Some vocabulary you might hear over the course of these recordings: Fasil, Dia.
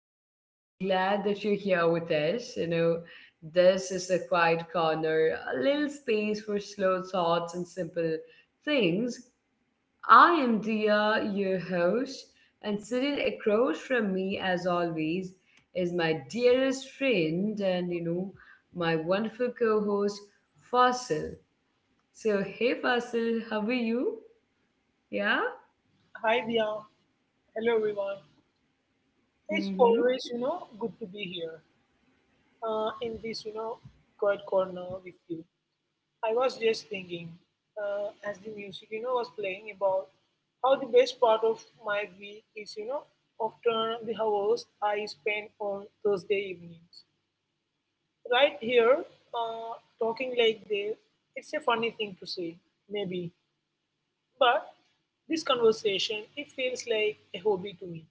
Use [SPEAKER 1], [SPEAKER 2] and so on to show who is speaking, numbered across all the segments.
[SPEAKER 1] so glad that you're here with us. This is a quiet corner, a little space for slow thoughts and simple things. I am Dia, your host, and sitting across from me, as always, is my dearest friend and my wonderful co host, Fasil. So, hey Fasil, how are you? Yeah?
[SPEAKER 2] Hi, Dia. Hello, everyone. It's
[SPEAKER 1] Mm hmm.
[SPEAKER 2] always, good to be here in this quiet corner with you. I was just thinking, as the music, was playing about how the best part of my week is, often the hours I spend on Thursday evenings. Right here, uh, talking like this, it's a funny thing to say, maybe, but this conversation, it feels like a hobby to me.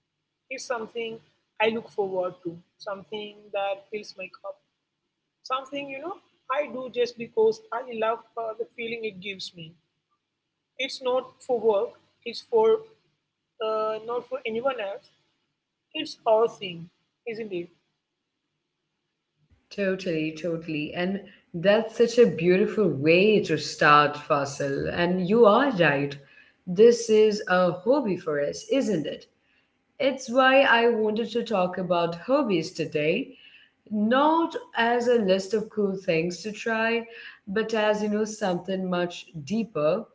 [SPEAKER 2] It's something I look forward to, something that fills my cup, something I do just because I love the feeling it gives me. It's not for work, it's for not for anyone else. It's our thing, isn't it?
[SPEAKER 1] Totally, totally. And that's such a beautiful way to start, Fasil. And you are right. This is a hobby for us, isn't it? It's why I wanted to talk about hobbies today, not as a list of cool things to try, but as, something much deeper.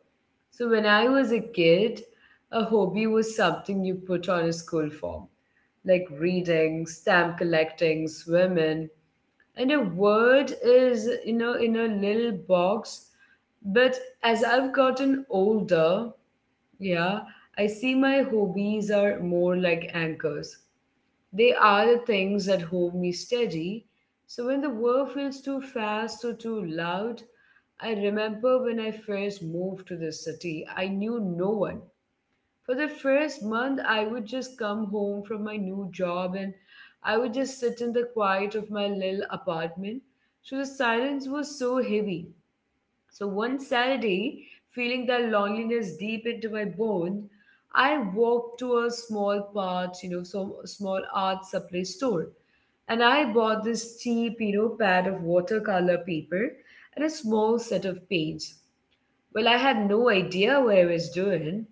[SPEAKER 1] So when I was a kid, a hobby was something you put on a school form, like reading, stamp collecting, swimming, and a word is in a little box. But as I've gotten older, yeah, I see my hobbies are more like anchors. They are the things that hold me steady, so when the world feels too fast or too loud, I remember when I first moved to the city, I knew no one. For the first month I would just come home from my new job and I would just sit in the quiet of my little apartment. So the silence was so heavy. So one Saturday, feeling that loneliness deep into my bones, I walked to a small part, some small art supply store, and I bought this cheap, pad of watercolor paper and a small set of paints. Well, I had no idea what I was doing,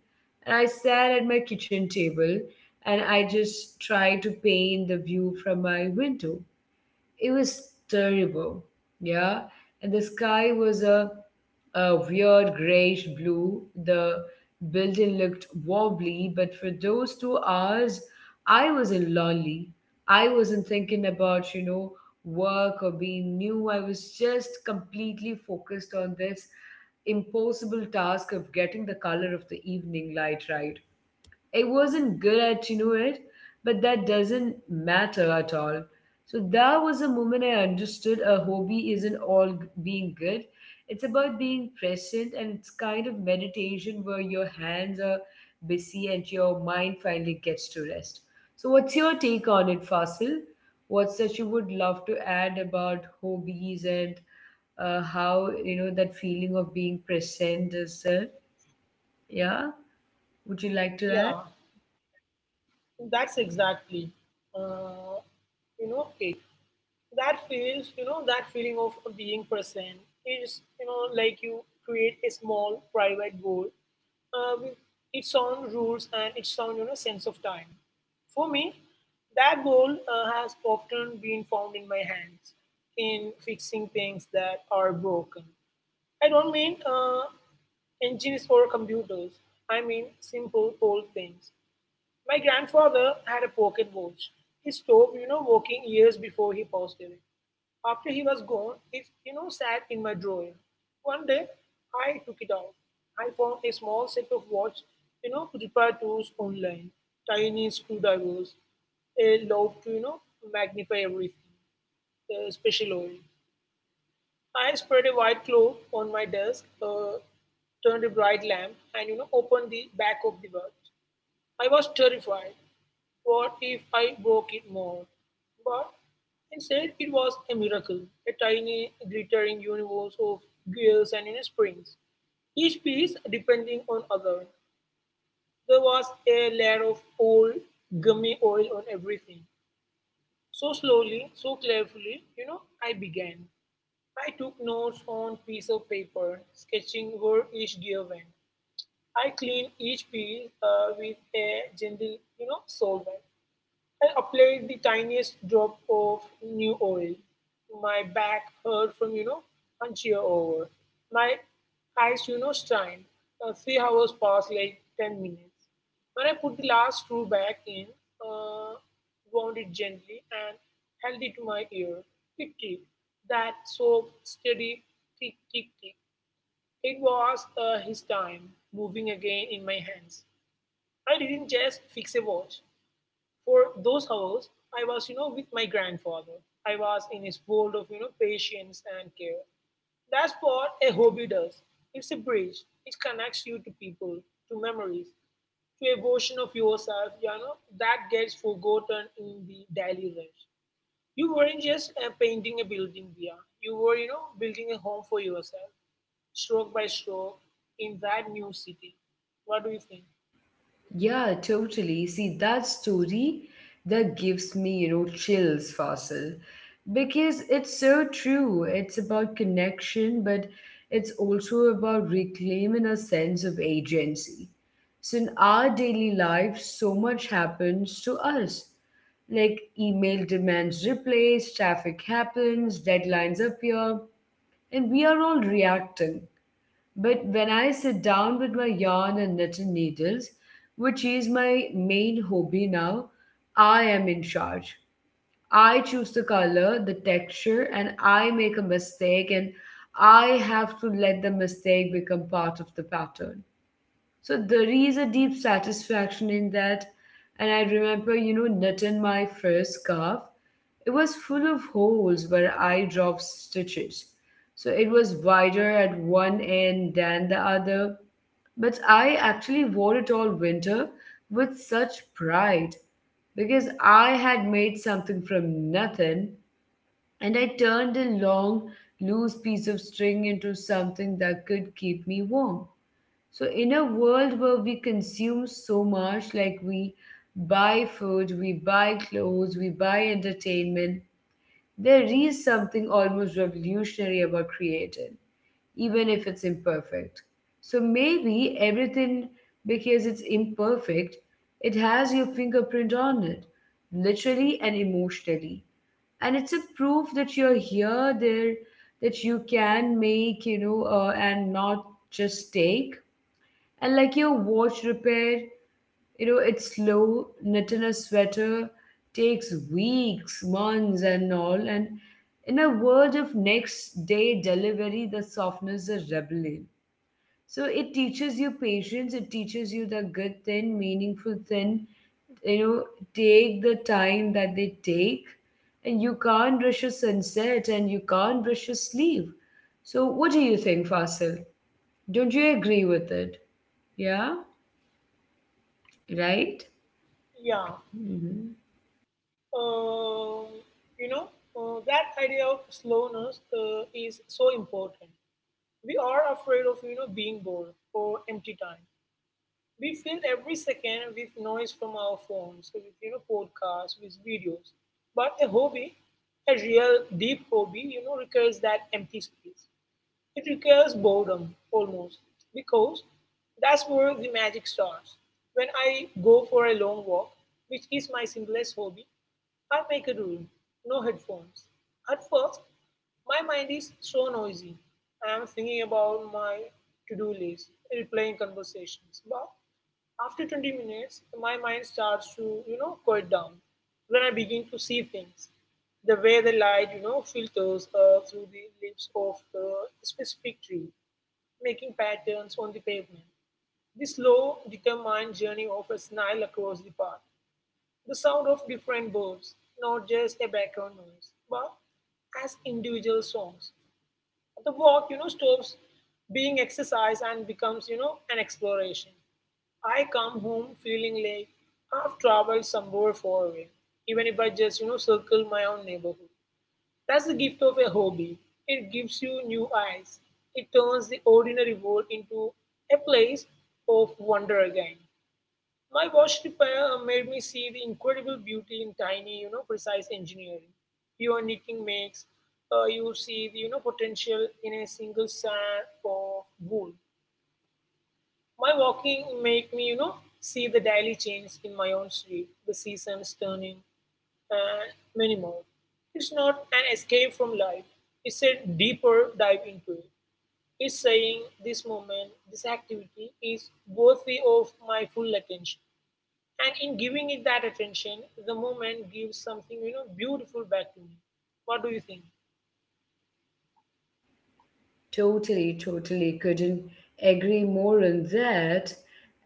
[SPEAKER 1] and I sat at my kitchen table and I just tried to paint the view from my window. It was terrible. Yeah. And the sky was a weird grayish blue. The building looked wobbly, but for those 2 hours, I wasn't lonely. I wasn't thinking about, work or being new. I was just completely focused on this impossible task of getting the color of the evening light right. I wasn't good at it, but that doesn't matter at all. So that was a moment I understood a hobby isn't all being good. It's about being present and it's kind of meditation where your hands are busy and your mind finally gets to rest. So what's your take on it, Fasil? What's that you would love to add about hobbies and how that feeling of being present is there? Yeah, would you
[SPEAKER 2] Yeah,
[SPEAKER 1] like to add?
[SPEAKER 2] that's exactly, uh, you know, it. That feels you know that feeling of being present is, like you create a small private goal with its own rules and its own, sense of time. For me, that goal has often been found in my hands, in fixing things that are broken. I don't mean engines or computers, I mean simple old things. My grandfather had a pocket watch. He stopped, working years before he passed away. After he was gone, it sat in my drawer. One day, I took it out. I found a small set of watch repair tools online, tiny screwdrivers, a lobe to, magnify everything, a special oil. I spread a white cloth on my desk, turned a bright lamp, and, opened the back of the watch. I was terrified. What if I broke it more? But instead, it was a miracle, a tiny, glittering universe of gears and, springs, each piece depending on other. There was a layer of old gummy oil on everything. So slowly, so carefully, I began. I took notes on piece of paper, sketching where each gear went. I cleaned each piece with a gentle, solvent. I applied the tiniest drop of new oil. My back hurt from, one cheer over. My eyes, strained. 3 hours passed like 10 minutes. When I put the last screw back in, uh, wound it gently and held it to my ear. It ticked. That soft, steady tick, tick, tick. It was his time moving again in my hands. I didn't just fix a watch. For those hours, I was, with my grandfather. I was in his world of, patience and care. That's what a hobby does. It's a bridge. It connects you to people, to memories, to a version of yourself, that gets forgotten in the daily rush. You weren't just painting a building via, you were, building a home for yourself, stroke by stroke, in that new city. What do you think?
[SPEAKER 1] Yeah, totally. See, that story that gives me, chills, Faisal, because it's so true. It's about connection, but it's also about reclaiming a sense of agency. So, in our daily life, so much happens to us. Like email demands replace, traffic happens, deadlines appear, and we are all reacting. But when I sit down with my yarn and knitting needles, which is my main hobby now, I am in charge. I choose the color, the texture, and I make a mistake, and I have to let the mistake become part of the pattern. So there is a deep satisfaction in that. And I remember, knitting my first scarf. It was full of holes where I dropped stitches. So it was wider at one end than the other. But I actually wore it all winter with such pride because I had made something from nothing, and I turned a long, loose piece of string into something that could keep me warm. So, in a world where we consume so much, like we buy food, we buy clothes, we buy entertainment, there is something almost revolutionary about creating even if it's imperfect. So maybe everything, because it's imperfect, it has your fingerprint on it, literally and emotionally. And it's a proof that you're here, there, that you can make, and not just take. And like your watch repair, you know it's slow, knitting a sweater takes weeks, months, and all. And in a world of next day delivery, the softness is rebellion. So it teaches you patience, it teaches you the good thing, meaningful thing, you know, take the time that they take. And you can't rush a sunset and you can't rush a sleep. So what do you think, Fasil? Don't you agree with it? Yeah? Right?
[SPEAKER 2] yeah
[SPEAKER 1] Hmm.
[SPEAKER 2] uh, you know, that idea of slowness is so important. We are afraid of, being bored or empty time. We fill every second with noise from our phones, with, podcasts, with videos. But a hobby, a real deep hobby, requires that empty space. It requires boredom, almost, because that's where the magic starts. When I go for a long walk, which is my simplest hobby, I make a rule: no headphones. At first, my mind is so noisy. I am thinking about my to do list, replaying conversations. But after 20 minutes, my mind starts to, quiet down. Then I begin to see things. The way the light, filters through the leaves of the specific tree, making patterns on the pavement. The slow, determined journey of a snail across the park. The sound of different birds, not just a background noise, but as individual songs. The walk, stops being exercise and becomes, an exploration. I come home feeling like I've traveled somewhere far away, even if I just, circle my own neighborhood. That's the gift of a hobby. It gives you new eyes. It turns the ordinary world into a place of wonder again. My watch repair made me see the incredible beauty in tiny, precise engineering. Pure knitting makes you see the, potential in a single strand of wool. My walking make me, see the daily change in my own sleep, the seasons turning, and many more. It's not an escape from life. It's a deeper dive into it. It's saying this moment, this activity is worthy of my full attention. And in giving it that attention, the moment gives something, beautiful back to me. What do you think?
[SPEAKER 1] Totally, totally couldn't agree more on that.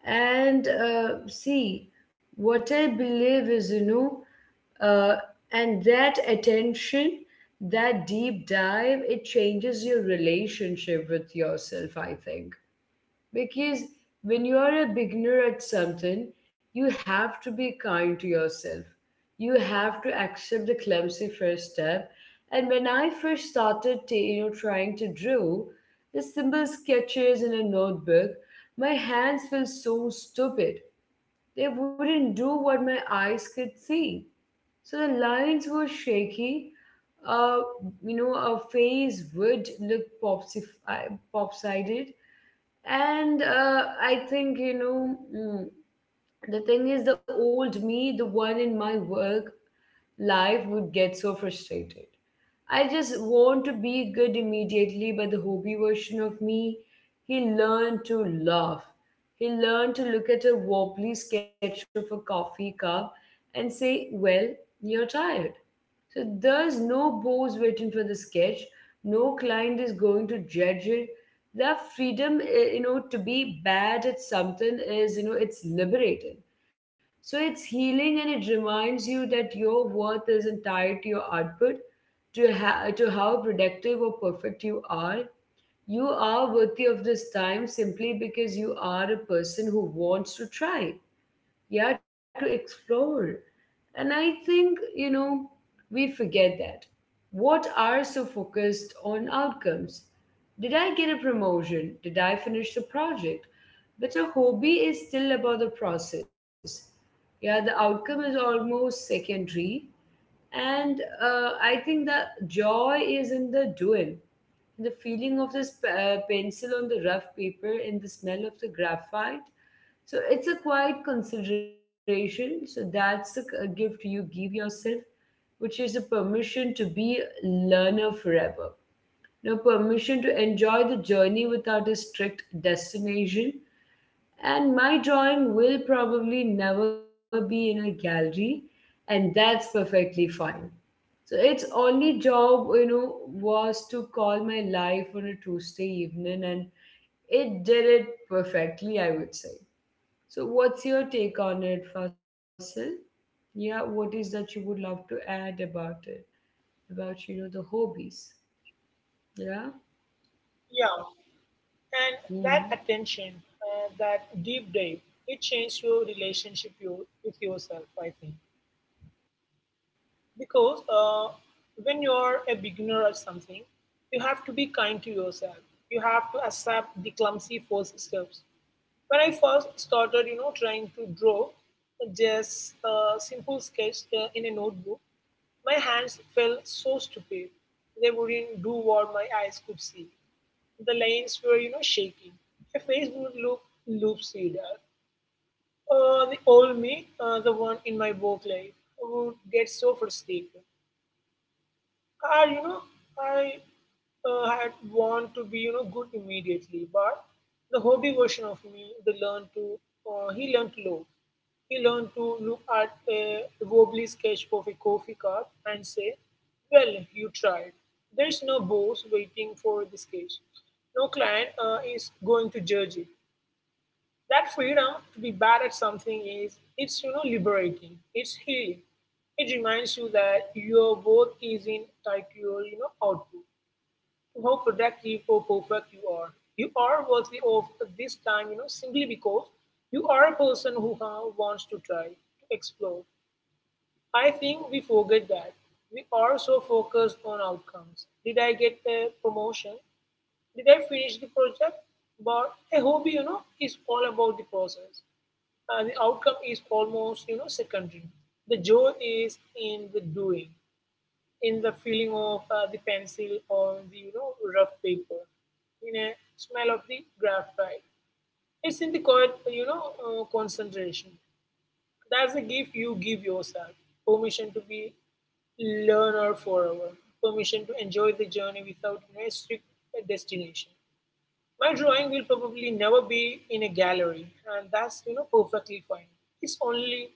[SPEAKER 1] And see, what I believe is, uh, and that attention, that deep dive, it changes your relationship with yourself, I think. Because when you are a beginner at something, you have to be kind to yourself. You have to accept the clumsy first step. And when I first started trying to draw the simple sketches in a notebook, my hands felt so stupid. They wouldn't do what my eyes could see. So the lines were shaky. Uh, a face would look pop-sided. And I think, the thing is, the old me, the one in my work life, would get so frustrated. I just want to be good immediately, but the hobby version of me, he learned to laugh. He learned to look at a wobbly sketch of a coffee cup and say, "Well, you're tired." So there's no boss waiting for the sketch. No client is going to judge it. That freedom, to be bad at something is, it's liberating. So it's healing and it reminds you that your worth isn't tied to your output, to, to how productive or perfect you are. You are worthy of this time simply because you are a person who wants to try, yeah, to explore. And I think, we forget that. What are so focused on outcomes? Did I get a promotion? Did I finish the project? But a hobby is still about the process. Yeah, the outcome is almost secondary. And I think the joy is in the doing, the feeling of this pencil on the rough paper and the smell of the graphite. So it's a quiet consideration. So that's a a gift you give yourself, which is the permission to be a learner forever. Now, permission to enjoy the journey without a strict destination. And my drawing will probably never be in a gallery, and that's perfectly fine. So its only job, was to call my life on a Tuesday evening, and it did it perfectly, I would say. So, what's your take on it, Fasil? Yeah, what is that you would love to add about it? About the hobbies? Yeah.
[SPEAKER 2] Yeah. And that attention,
[SPEAKER 1] Mm-hmm.
[SPEAKER 2] that deep dive, it changes your relationship you, with yourself, I think. Because when you are a beginner at something, you have to be kind to yourself. You have to accept the clumsy first steps. When I first started, trying to draw just a simple sketch in a notebook, my hands felt so stupid. They wouldn't do what my eyes could see. The lines were, shaking. Her face would look loopsided. The old me, the one in my work life, would get so frustrated. I, you know, I had want to be, good immediately, but the hobby version of me, he learned to love. He learned to look at a wobbly sketch of a coffee cup and say, well, you tried. There's no boss waiting for the sketch. No client is going to judge it. That freedom to be bad at something is, it's, liberating. It's healing. It reminds you that your worth isn't tied to your, output, to how productive or perfect you are. You are worthy of this time, simply because you are a person who wants to try to explore. I think we forget that we are so focused on outcomes. Did I get a promotion? Did I finish the project? But a hobby, is all about the process. The outcome is almost, secondary. The joy is in the doing, in the feeling of the pencil on the, rough paper, in a smell of the graphite. It's in the quiet, concentration. That's the gift you give yourself. Permission to be learner forever. Permission to enjoy the journey without, a strict destination. My drawing will probably never be in a gallery, and that's, perfectly fine. His only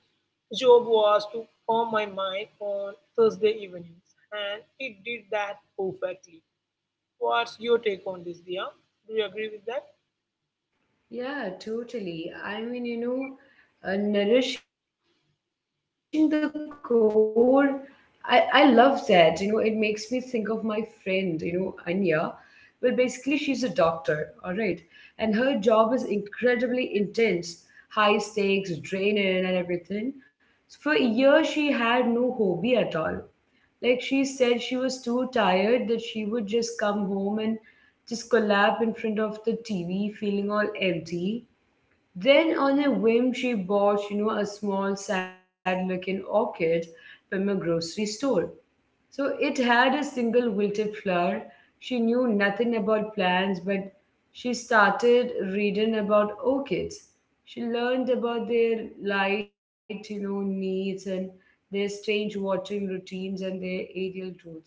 [SPEAKER 2] job was to calm my mind on Thursday evenings, and it did that perfectly. What's your take on this, Dia? Do you agree with that?
[SPEAKER 1] Yeah, totally. I mean, nourishing the core, I love that. You know, it makes me think of my friend, Anya. Well, basically, she's a doctor, all right. And her job is incredibly intense, high stakes, draining, and everything. For a year, she had no hobby at all. Like she said, she was too tired that she would just come home and just collapse in front of the TV, feeling all empty. Then, on a whim, she bought, a small, sad looking orchid from a grocery store. So it had a single wilted flower. She knew nothing about plants, but she started reading about orchids. She learned about their light, needs, and their strange watering routines and their aerial roots.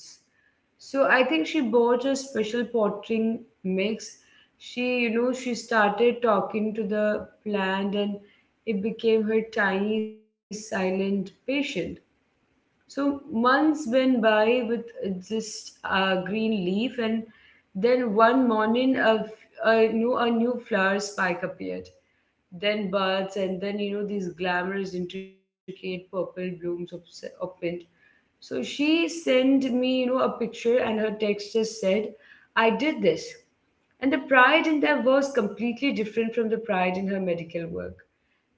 [SPEAKER 1] So I think she bought a special potting mix. She started talking to the plant, and it became her tiny silent patient. So months went by with just a green leaf, and then one morning a new flower spike appeared, then buds, and then these glamorous, intricate purple blooms opened. So she sent me a picture, and her text just said, "I did this," and the pride in that was completely different from the pride in her medical work.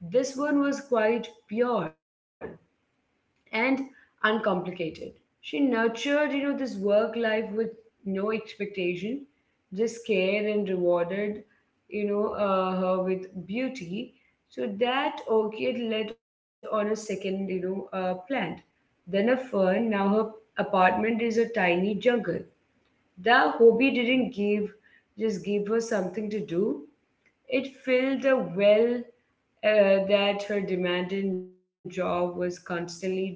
[SPEAKER 1] This one was quite pure and uncomplicated. She nurtured, this work life with no expectation, just care, and rewarded, her with beauty. So that orchid led on a second, plant, then a fern. Now her apartment is a tiny jungle. The hobby didn't give, just give her something to do. It filled the well that her demanding job was constantly draining.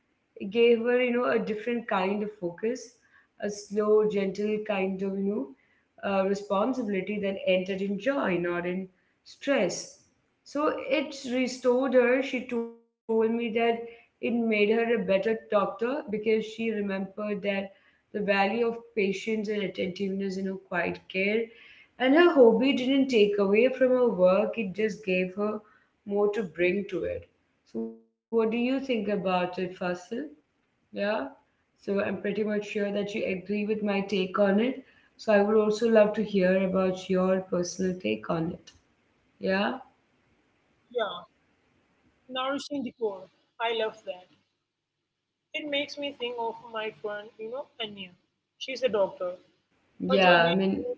[SPEAKER 1] It gave her, a different kind of focus, a slow, gentle kind of, responsibility that entered in joy, not in stress. So it restored her. She told me that it made her a better doctor because she remembered that the value of patience and attentiveness in her quiet care. And her hobby didn't take away from her work, it just gave her more to bring to it. So, what do you think about it, Fasil? Yeah. So I'm pretty much sure that you agree with my take on it. So I would also love to hear about your personal take on it. Yeah.
[SPEAKER 2] Yeah, nourishing the core. I love that. It makes me think of my friend, Anya. She's a doctor. Her job
[SPEAKER 1] Yeah. I mean,
[SPEAKER 2] is...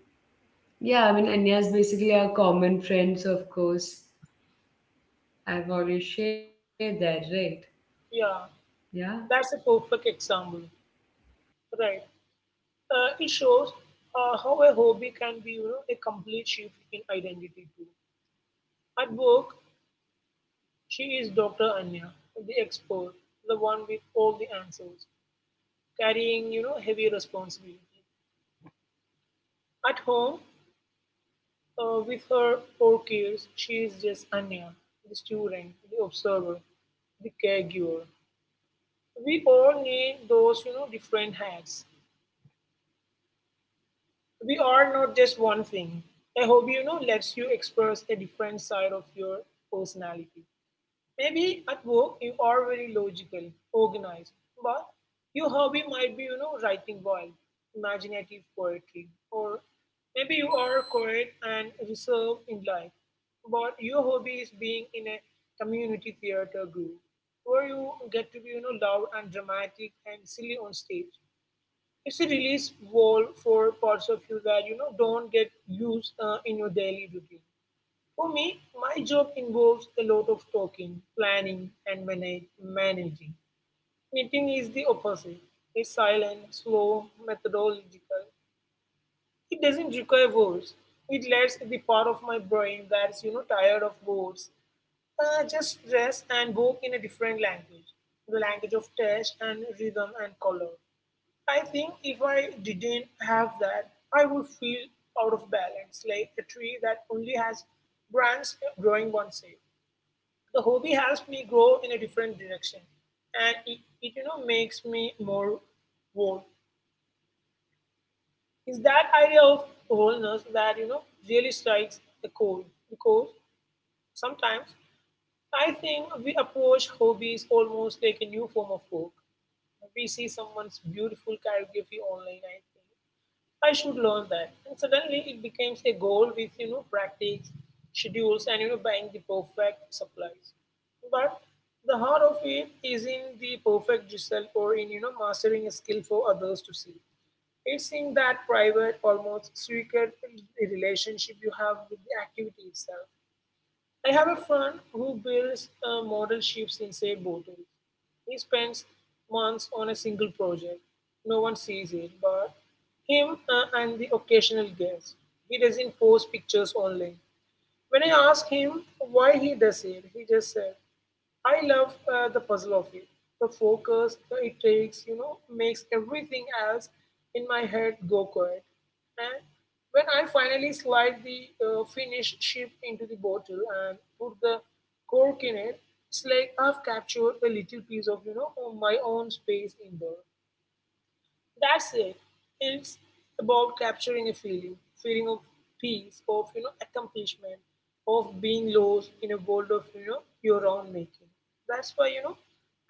[SPEAKER 1] Anya is basically our common friends, of course. I've already shared that, right?
[SPEAKER 2] yeah,
[SPEAKER 1] Yeah.
[SPEAKER 2] that's a perfect example, right? It shows how a hobby can be, a complete shift in identity too. At work, she is Dr. Anya, the expert, the one with all the answers, carrying, heavy responsibility. At home, with her four kids, she is just Anya, the student, the observer, the caregiver. We all need those, different hats. We are not just one thing. A hobby, lets you express a different side of your personality. Maybe at work you are very logical, organized, but your hobby might be, writing wild, imaginative poetry, or maybe you are quiet and reserved in life, but your hobby is being in a community theater group where you get to be, loud and dramatic and silly on stage. It's a release wall for parts of you that, don't get used in your daily routine. For me, my job involves a lot of talking, planning, and managing. Knitting is the opposite. It's silent, slow, methodological. It doesn't require words. It lets the part of my brain that's, tired of words just rest and work in a different language, the language of touch and rhythm and color. I think if I didn't have that, I would feel out of balance, like a tree that only has branches growing one side. The hobby helps me grow in a different direction, and it, makes me more whole. It's that idea of wholeness that, really strikes the chord, because sometimes I think we approach hobbies almost like a new form of work. We see someone's beautiful calligraphy online, I think. I should learn that. And suddenly it becomes a goal with, practice, schedules, and, buying the perfect supplies. But the heart of it is in the perfect result or in, mastering a skill for others to see. It's in that private, almost secret relationship you have with the activity itself. I have a friend who builds model ships inside bottles. He spends months on a single project. No one sees it but him and the occasional guest. He doesn't post pictures online. When I asked him why he does it, he just said, I love the puzzle of it. The focus it takes, you know, makes everything else in my head go quiet. And when I finally slide the finished chip into the bottle and put the cork in it, it's like I've captured a little piece of, you know, my own space in there. That's it. It's about capturing a feeling, feeling of peace, of, you know, accomplishment, of being lost in a world of, you know, your own making. That's why, you know,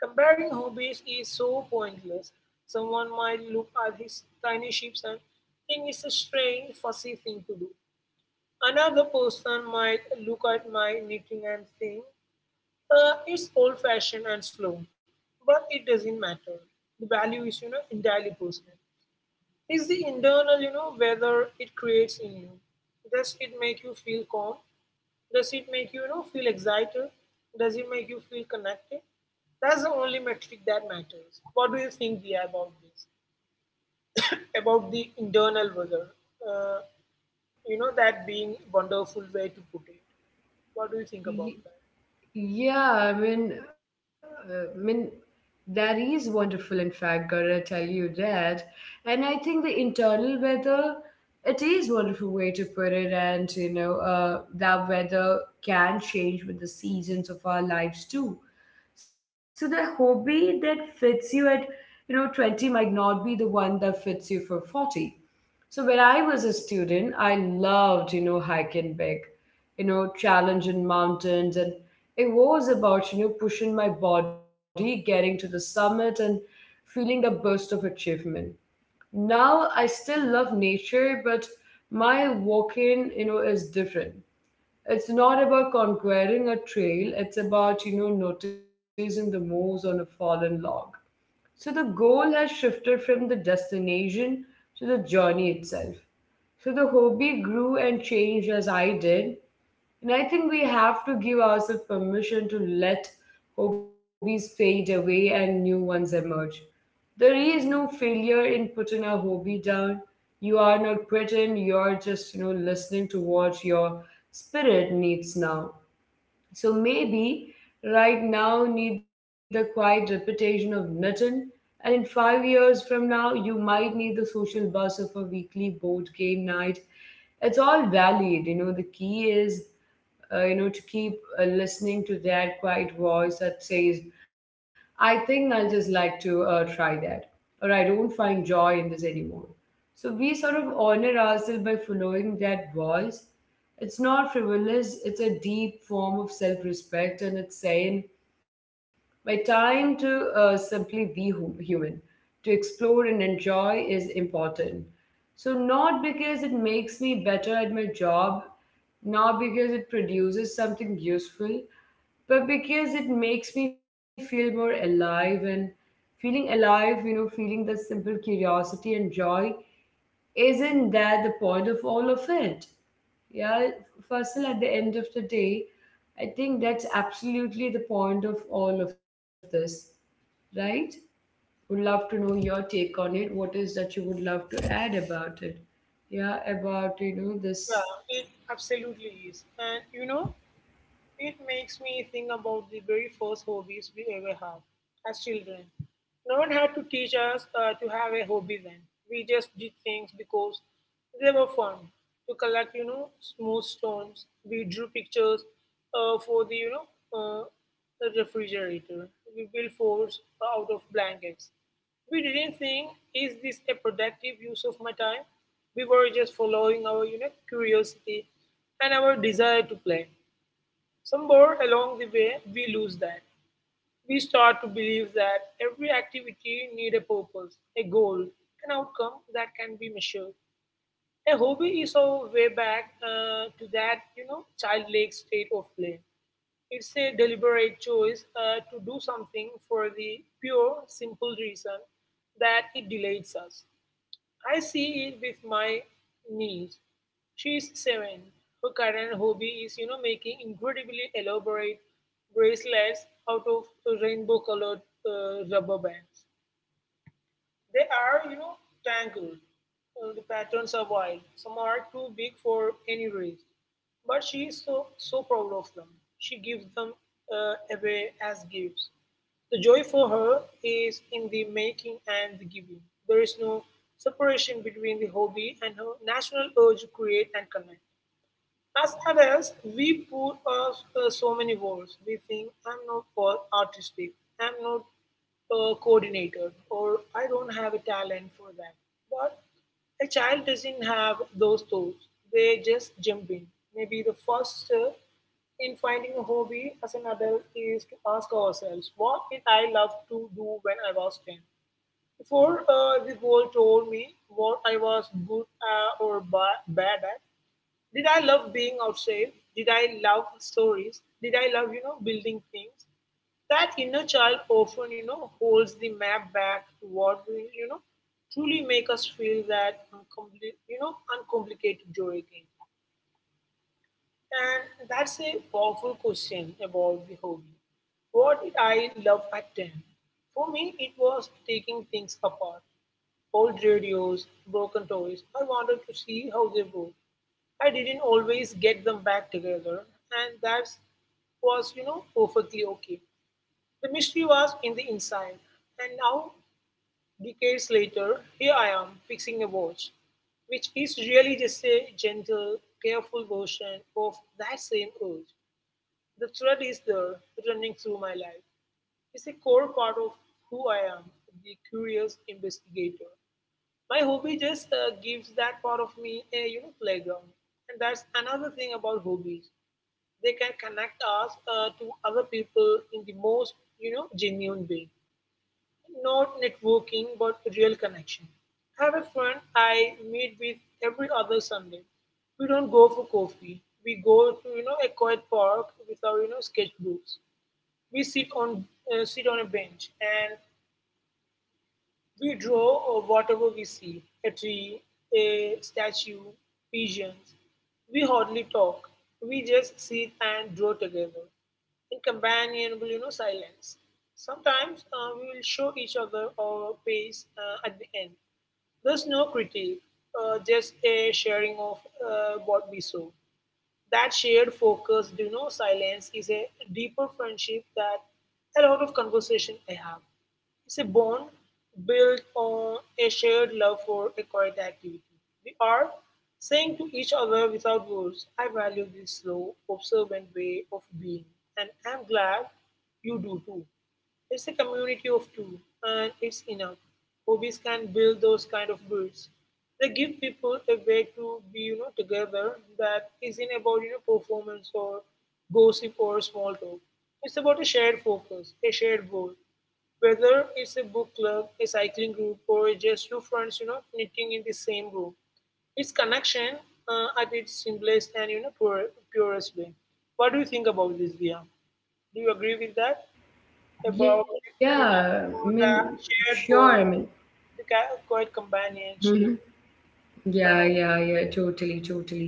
[SPEAKER 2] comparing hobbies is so pointless. Someone might look at his tiny ships and think it's a strange, fussy thing to do. Another person might look at my knitting and think it's old-fashioned and slow, but it doesn't matter. The value is, you know, entirely personal. Is the internal, you know, whether it creates in you. Does it make you feel calm? Does it make you, you know, feel excited? Does it make you feel connected? That's the only metric that matters. What do you think, Dia, about this? About the internal weather? Uh, you know, that being wonderful way to put it. What do you think about
[SPEAKER 1] Y-
[SPEAKER 2] that?
[SPEAKER 1] Yeah, uh, I mean, that is wonderful. In fact, gotta tell you that, and I think the internal weather, it is wonderful way to put it, and you know, that weather can change with the seasons of our lives too. So the hobby that fits you at, you know, 20 might not be the one that fits you for 40. So when I was a student, I loved, you know, hiking big, you know, challenging mountains. And it was about, you know, pushing my body, getting to the summit and feeling the burst of achievement. Now I still love nature, but my walking, you know, is different. It's not about conquering a trail. It's about, you know, noticing the moves on a fallen log. So the goal has shifted from the destination to the journey itself. So the hobby grew and changed as I did. And I think we have to give ourselves permission to let hobbies fade away and new ones emerge. There is no failure in putting a hobby down. You are not quitting, you are just, you know, listening to what your spirit needs now. So maybe right now need the quiet reputation of nothing, and in 5 years from now you might need the social buzz of a weekly board game night. It's all valid, you know. The key is you know, to keep listening to that quiet voice that says, I think I'll just like to try that, or I don't find joy in this anymore. So we sort of honor ourselves by following that voice. It's not frivolous, it's a deep form of self respect, and it's saying, my time to simply be human, to explore and enjoy is important. So, not because it makes me better at my job, not because it produces something useful, but because it makes me feel more alive. And feeling alive, you know, feeling the simple curiosity and joy, isn't that the point of all of it? Yeah, Faisal, at the end of the day, I think that's absolutely the point of all of this right? Would love to know your take on it. What is that you would love to add about it? Yeah, about you know this.
[SPEAKER 2] Yeah, it absolutely is. And, you know, it makes me think about the very first hobbies we ever had as children. No one had to teach us to have a hobby then. We just did things because they were fun. To collect, you know, smooth stones. We drew pictures for the, uh, the refrigerator. We built forts out of blankets. We didn't think, is this a productive use of my time? We were just following our, you know, curiosity and our desire to play. Somewhere along the way, we lose that. We start to believe that every activity need a purpose, a goal, an outcome that can be measured. A hobby is our way back to that, you know, childlike state of play. It's a deliberate choice to do something for the pure, simple reason that it delights us. I see it with my niece. She's seven. Her current hobby is, you know, making incredibly elaborate bracelets out of rainbow-colored rubber bands. They are, you know, tangled. The patterns are wild. Some are too big for any wrist. But she is so, so proud of them. She gives them away as gifts. The joy for her is in the making and the giving. There is no separation between the hobby and her natural urge to create and connect. As adults, we put up so many walls. We think, I'm not for artistic, I'm not coordinated, or I don't have a talent for that. But a child doesn't have those thoughts. They just jump in. Maybe the first step in finding a hobby as an adult is to ask ourselves, what did I love to do when I was 10? Before the world told me what I was good at or bad at, did I love being outside? Did I love stories? Did I love, you know, building things? That inner child often, you know, holds the map back to what will, you know, truly make us feel that, uncomplicated joy again. And that's a powerful question about the hobby. What did I love at 10? For me, it was taking things apart. Old radios, broken toys. I wanted to see how they work. I didn't always get them back together, and that was, you know, perfectly okay. The mystery was in the inside, and now, decades later, here I am fixing a watch, which is really just a gentle, careful version of that same urge. The thread is there, running through my life. It's a core part of who I am, the curious investigator. My hobby just gives that part of me a, you know, playground, and that's another thing about hobbies. They can connect us to other people in the most, you know, genuine way, not networking but real connection. I have a friend I meet with every other Sunday. We don't go for coffee. We go to, you know, a quiet park with our, you know, sketchbooks. We sit on sit on a bench and we draw whatever we see, a tree, a statue, pigeons. We hardly talk. We just sit and draw together in companionable, you know, silence. Sometimes we will show each other our pace at the end. There's no critique, just a sharing of what we saw. That shared focus, you know, silence is a deeper friendship that a lot of conversation I have. It's a bond built on a shared love for a quiet activity. We are saying to each other without words, I value this slow, observant way of being, and I'm glad you do too. It's a community of two, and it's enough. Hobbies can build those kind of bridges. They give people a way to be, you know, together that isn't about, you know, performance or gossip or small talk. It's about a shared focus, a shared goal, whether it's a book club, a cycling group, or just two friends, you know, knitting in the same room, it's connection at its simplest and, you know, purest way. What do you think about this, Dia? Do you agree with that about,
[SPEAKER 1] Yeah,
[SPEAKER 2] you
[SPEAKER 1] I
[SPEAKER 2] know,
[SPEAKER 1] mean,
[SPEAKER 2] the
[SPEAKER 1] sure. I
[SPEAKER 2] shared
[SPEAKER 1] mean,
[SPEAKER 2] goal, the quiet
[SPEAKER 1] hmm
[SPEAKER 2] companionship,
[SPEAKER 1] Yeah,
[SPEAKER 2] you know?
[SPEAKER 1] yeah, yeah, totally, totally.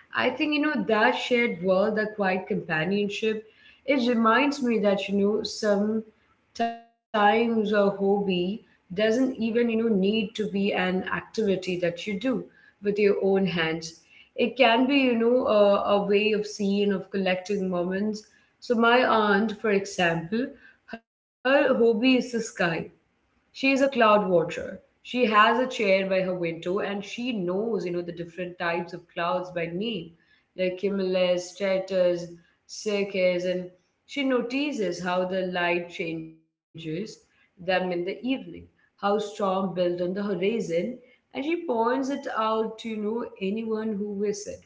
[SPEAKER 1] I think, you know, that shared world, that quiet companionship, it reminds me that, you know, sometimes a hobby doesn't even, you know, need to be an activity that you do with your own hands. It can be, you know, a way of seeing, of collecting moments. So, my aunt, for example, her hobby is the sky, she is a cloud watcher. She has a chair by her window and she knows, you know, the different types of clouds by name, like cumulus, stratus, cirques, and she notices how the light changes them in the evening, how storm build on the horizon, and she points it out to, you know, anyone who visits.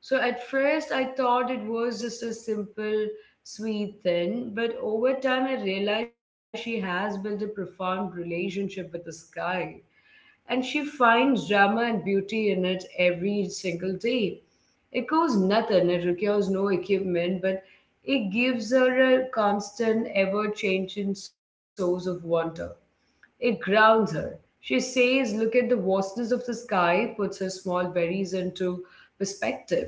[SPEAKER 1] So at first I thought it was just a simple sweet thing, but over time I realized she has built a profound relationship with the sky and she finds drama and beauty in it every single day. It costs nothing, it requires no equipment, but it gives her a constant, ever changing source of wonder. It grounds her. She says, look at the vastness of the sky, puts her small worries into perspective.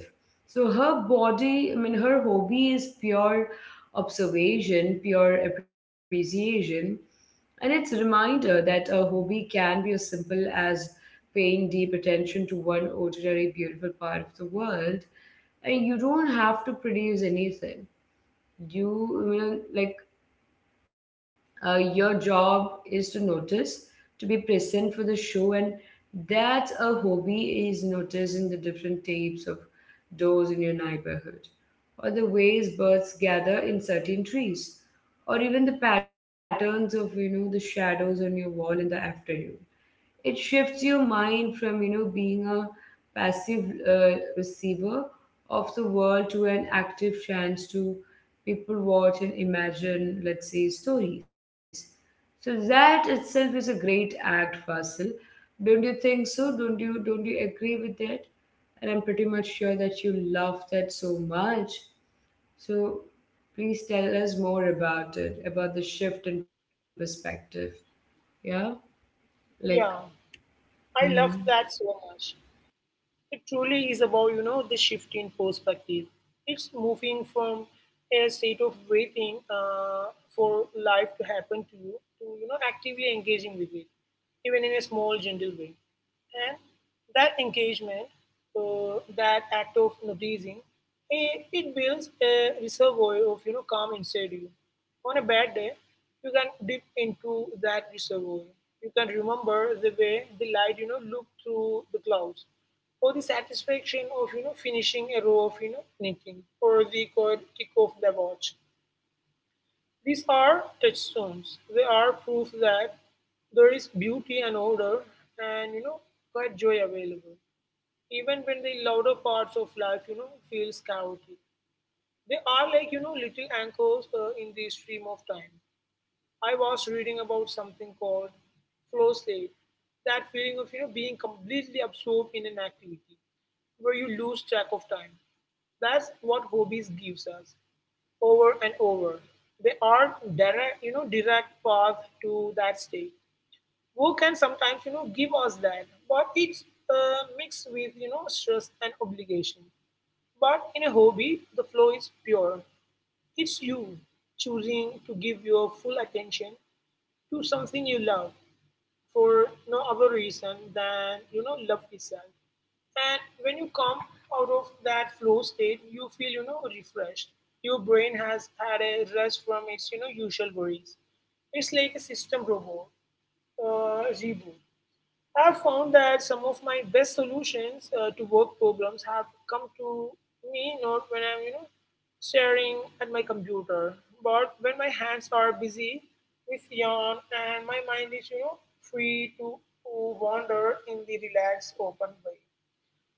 [SPEAKER 1] So her body, I mean, her hobby is pure observation, pure appreciation. And it's a reminder that a hobby can be as simple as paying deep attention to one ordinary beautiful part of the world. And you don't have to produce anything. You know, like your job is to notice, to be present for the show, and that's a hobby is noticing the different types of doors in your neighborhood, or the ways birds gather in certain trees, or even the patterns of you know the shadows on your wall in the afternoon. It shifts your mind from you know being a passive receiver of the world to an active chance to people watch and imagine, let's say, stories. So that itself is a great act, Fasil. Don't you think so? Don't you agree with that? And I'm pretty much sure that you love that so much. So please tell us more about it, about the shift in perspective. Yeah, like.
[SPEAKER 2] Yeah, I love
[SPEAKER 1] Mhm.
[SPEAKER 2] that so much. It truly is about, you know, the shift in perspective. It's moving from a state of waiting for life to happen to, you know, actively engaging with it, even in a small, gentle way. And that engagement, that act of noticing, it builds a reservoir of, you know, calm inside you. On a bad day, you can dip into that reservoir. You can remember the way the light, you know, looked through the clouds or the satisfaction of, you know, finishing a row of, you know, knitting, or the quiet tick of the watch. These are touchstones. They are proof that there is beauty and order and, you know, quite joy available even when the louder parts of life, you know, feels chaotic. They are like, you know, little anchors in the stream of time. I was reading about something called flow state, that feeling of, you know, being completely absorbed in an activity where you lose track of time. That's what hobbies gives us over and over. They are direct, you know, direct path to that state. Work can sometimes, you know, give us that, but it's mixed with, you know, stress and obligation. But in a hobby, the flow is pure. It's you choosing to give your full attention, do something you love for no other reason than, you know, love itself. And when you come out of that flow state, you feel, you know, refreshed. Your brain has had a rest from its, you know, usual worries. It's like a system robot reboot. I've found that some of my best solutions to work problems have come to me not when I'm, you know, staring at my computer, but when my hands are busy with yarn and my mind is, you know, free to wander in the relaxed, open way.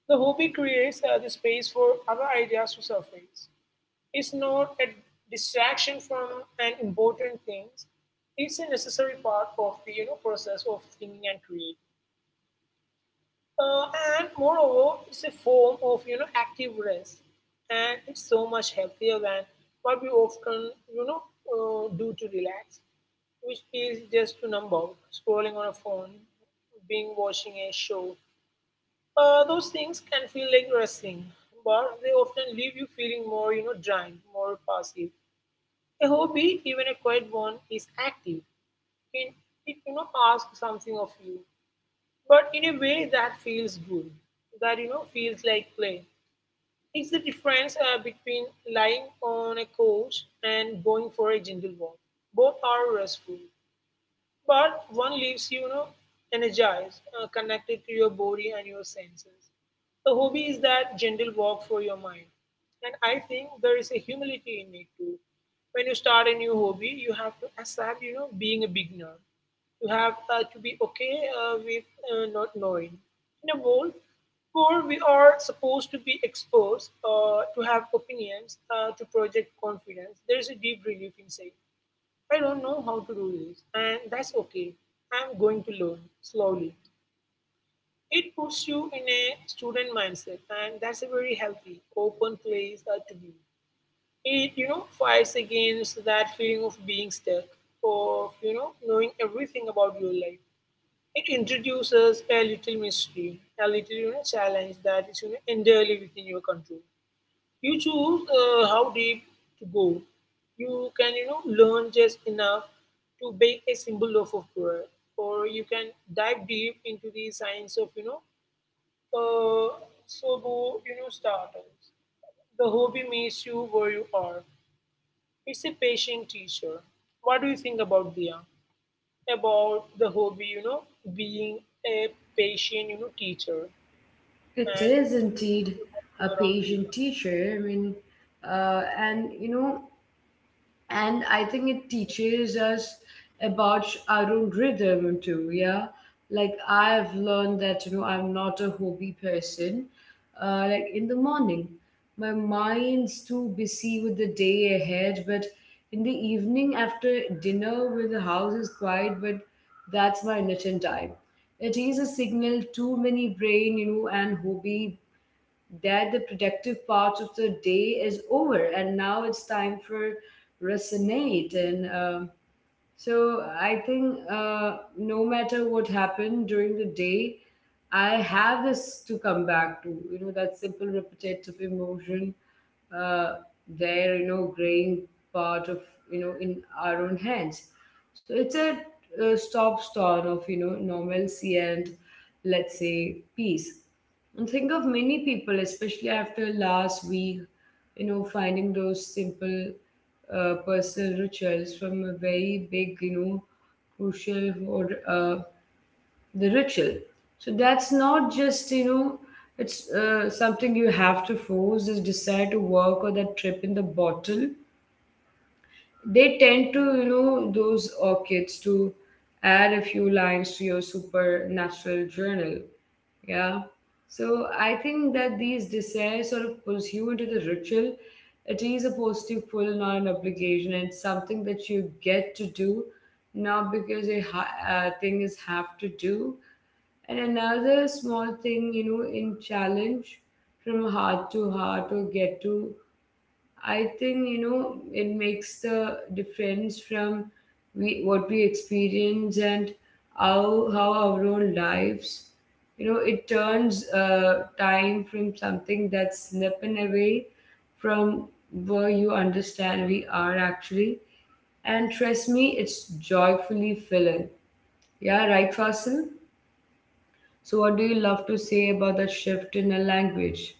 [SPEAKER 2] The hobby creates the space for other ideas to surface. It's not a distraction from an important things. It's a necessary part of the, you know, process of thinking and creating. Uh, and moreover, it's a form of, you know, active rest, and it's so much healthier than what we often, you know, do to relax, which is just to numb out, scrolling on a phone, being watching a show. Those things can feel like resting, but they often leave you feeling more, you know, drained, more passive. A hobby, even a quiet one, is active. It, it, you know, asks something of you but in a way that feels good, that, you know, feels like play. It's the difference between lying on a couch and going for a gentle walk. Both are restful, but one leaves you, you know, energized, connected to your body and your senses. A hobby is that gentle walk for your mind. And I think there is a humility in it too. When you start a new hobby, you have to accept, you know, being a beginner. You have to be okay with not knowing. In a world where we are supposed to be exposed, to have opinions, to project confidence, there is a deep relief in saying, "I don't know how to do this, and that's okay. I'm going to learn slowly." It puts you in a student mindset, and that's a very healthy, open place to be. It, you know, fights against that feeling of being stuck, of, you know, knowing everything about your life. It introduces a little mystery, a little, you know, challenge that is, you know, entirely within your control. You choose how deep to go. You can, you know, learn just enough to bake a simple loaf of bread, or you can dive deep into the science of, you know, uh, sobo, you know, starters. The hobby meets you where you are. It's a patient teacher. What do you think about Dia? About the hobby, you know, being a patient, you know, teacher
[SPEAKER 1] It
[SPEAKER 2] and
[SPEAKER 1] is
[SPEAKER 2] teaching
[SPEAKER 1] indeed
[SPEAKER 2] you about
[SPEAKER 1] a
[SPEAKER 2] your own
[SPEAKER 1] patient
[SPEAKER 2] rhythm.
[SPEAKER 1] teacher. I mean, and you know, and I think it teaches us about our own rhythm too. Yeah, like I've learned that you know I'm not a hobby person. Like in the morning, my mind's too busy with the day ahead, but in the evening after dinner, when the house is quiet, but that's my knitting time. It is a signal to many brain, you know, and hobby that the productive part of the day is over and now it's time for resonate and so I think no matter what happened during the day, I have this to come back to, you know, that simple repetitive emotion, uh, their you know growing part of you know in our own hands. So it's a, uh, stop start of you know normalcy and, let's say, peace. And think of many people, especially after last week, you know, finding those simple personal rituals from a very big you know crucial or the ritual. So that's not just you know it's something you have to force this desire to work or that trip in the bottle. They tend to you know those orchids to add a few lines to your supernatural journal, yeah. So I think that these desires sort of pulls you into the ritual. It is a positive pull, not an obligation, and something that you get to do, not because a thing is have to do. And another small thing, you know, in challenge from heart to heart or get to, I think, you know, it makes the difference from we what we experience and how our own lives, you know, it turns time from something that's slipping away from where you understand we are actually. And trust me, it's joyfully filling. Yeah, right, Fasil? So, what do you love to say about that shift in a language?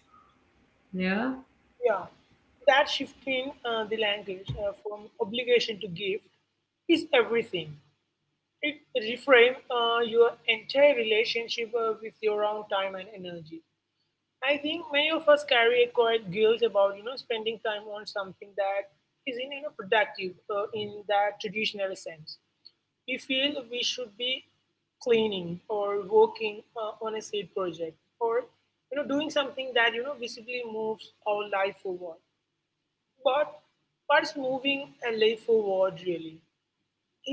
[SPEAKER 1] Yeah.
[SPEAKER 2] Yeah, that shift in the language from obligation to gift is everything. It reframe your entire relationship with your own time and energy. I think many of us carry a quiet guilt about you know spending time on something that isn't you know productive in that traditional sense. We feel we should be cleaning or working on a side project or you know doing something that you know visibly moves our life forward, but what's moving a life forward really?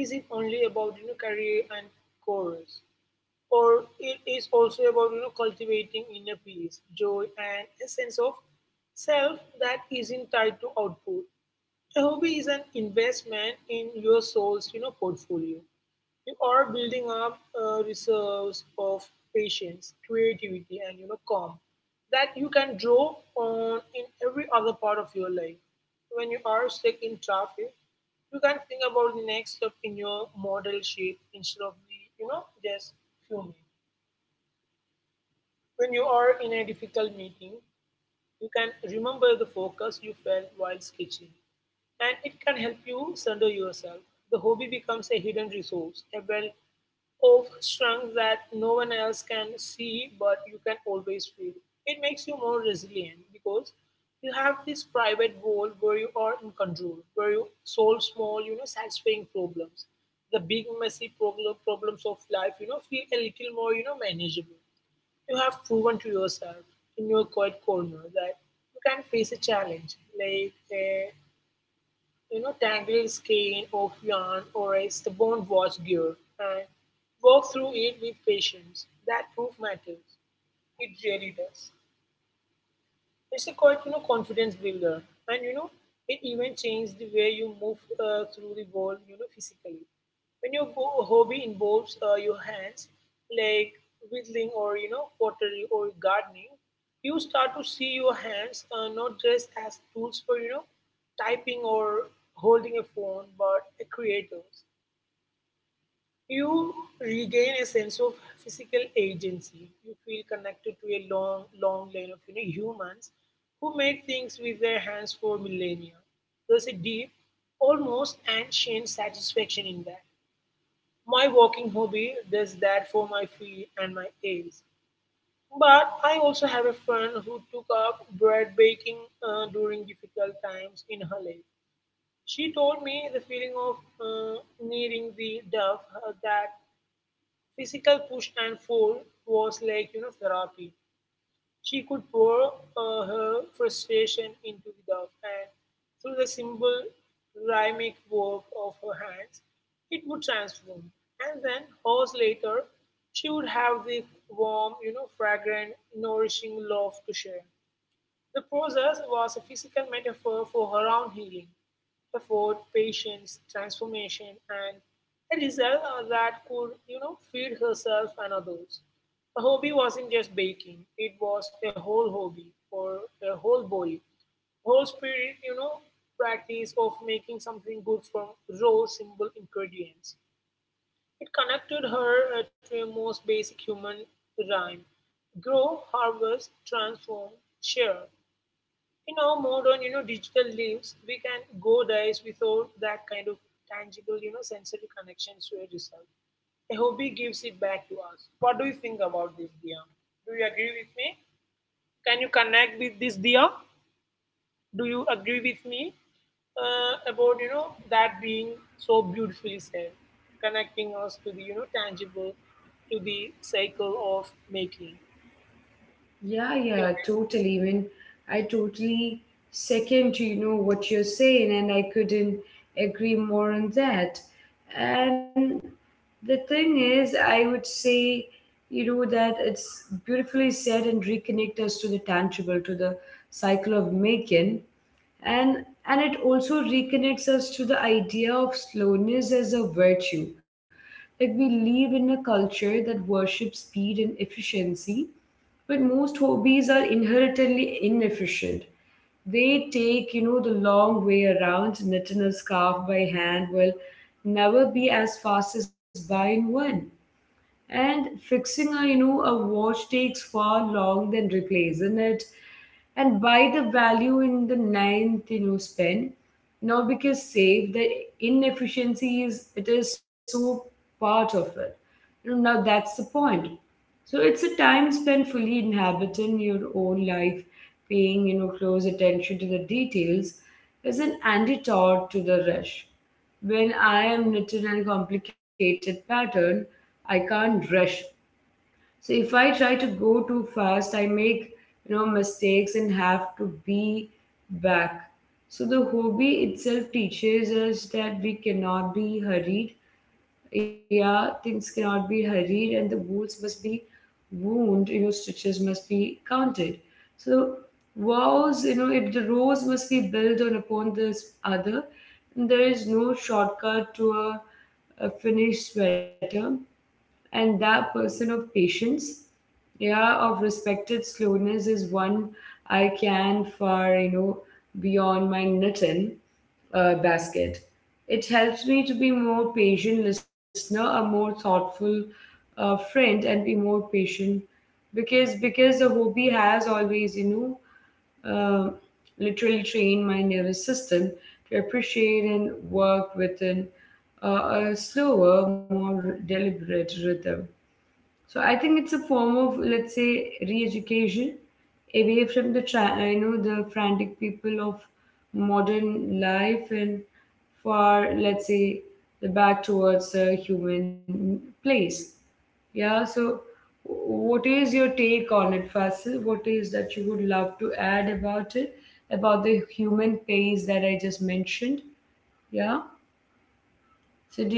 [SPEAKER 2] Is it only about, you know, career and goals, or it is also about you know cultivating inner peace, joy, and a sense of self that isn't tied to output? A hobby is an investment in your soul's, you know, portfolio. You are building up reserves of patience, creativity, and you know calm that you can draw on in every other part of your life. When you are stuck in traffic, you can think about the next step in your model shape instead of the you know just fuming. When you are in a difficult meeting, you can remember the focus you felt while sketching, and it can help you center yourself. The hobby becomes a hidden resource, a well of strength that no one else can see but you can always feel. It makes you more resilient because you have this private world where you are in control, where you solve small, you know, satisfying problems. The big messy problems of life, you know, feel a little more, you know, manageable. You have proven to yourself in your quiet corner that you can face a challenge, like a you know tangled skein of yarn or a stubborn watch gear, and walk through it with patience. That proof matters. It really does. It's a quite you know confidence builder, and you know it even changed the way you move through the world you know physically. When your hobby involves your hands, like whittling or you know pottery or gardening, you start to see your hands not just as tools for you know typing or holding a phone, but a creators. You regain a sense of physical agency. You feel connected to a long, long line of, you know, humans who made things with their hands for millennia. There's a deep, almost ancient satisfaction in that. My walking hobby does that for my feet and my aches. But I also have a friend who took up bread baking during difficult times in her life. She told me the feeling of kneading the dough that physical push and pull was like you know therapy. She could pour her frustration into the dove, and through the simple rhythmic work of her hands, it would transform. And then hours later, she would have this warm, you know, fragrant, nourishing love to share. The process was a physical metaphor for her own healing effort, patience, transformation, and a result that could, you know, feed herself and others. Her hobby wasn't just baking, it was a whole hobby or a whole body, whole spirit, you know, practice of making something good from raw, simple ingredients. It connected her to a most basic human rhyme: grow, harvest, transform, share. In our modern, you know, digital lives, we can go days without that kind of tangible, you know, sensory connections to a result. A hobby gives it back to us. What do you think about this, Dia? Do you agree with me? Can you connect with this, Dia? Do you agree with me about you know that being so beautifully said, connecting us to the you know tangible, to the cycle of making?
[SPEAKER 1] Yeah,
[SPEAKER 2] Do
[SPEAKER 1] yeah,
[SPEAKER 2] you agree?
[SPEAKER 1] totally. When I totally second, you know, what you're saying, and I couldn't agree more on that. And the thing is, I would say, you know, that it's beautifully said and reconnect us to the tangible, to the cycle of making, and and it also reconnects us to the idea of slowness as a virtue. Like we live in a culture that worships speed and efficiency, but most hobbies are inherently inefficient. They take, you know, the long way around. Knitting a scarf by hand will never be as fast as buying one. And fixing a you know a watch takes far long than replacing it. And buy the value in the ninth you know spend, not because save the inefficiency is it is so part of it. You know, now that's the point. So it's a time spent fully inhabiting your own life, paying you know close attention to the details is an antidote to the rush. When I am knitting a complicated pattern, I can't rush. So if I try to go too fast, I make you know mistakes and have to be back. So the hobby itself teaches us that we cannot be hurried, yeah, things cannot be hurried and the wounds must be wound, you know, stitches must be counted. So vows, you know, it the rows must be built on upon this other, and there is no shortcut to a finished sweater. And that person of patience, yeah, of respected slowness is one I can far, you know, beyond my knitting basket. It helps me to be more patient listener, a more thoughtful friend, and be more patient because the hobby has always you know literally trained my nervous system to appreciate and work within a slower, more deliberate rhythm. So I think it's a form of, let's say, re-education away from the you know the frantic people of modern life and for let's say the back towards a human place. Yeah. So what is your take on it, Fasil? What is that you would love to add about it, about the human pace that I just mentioned? Yeah.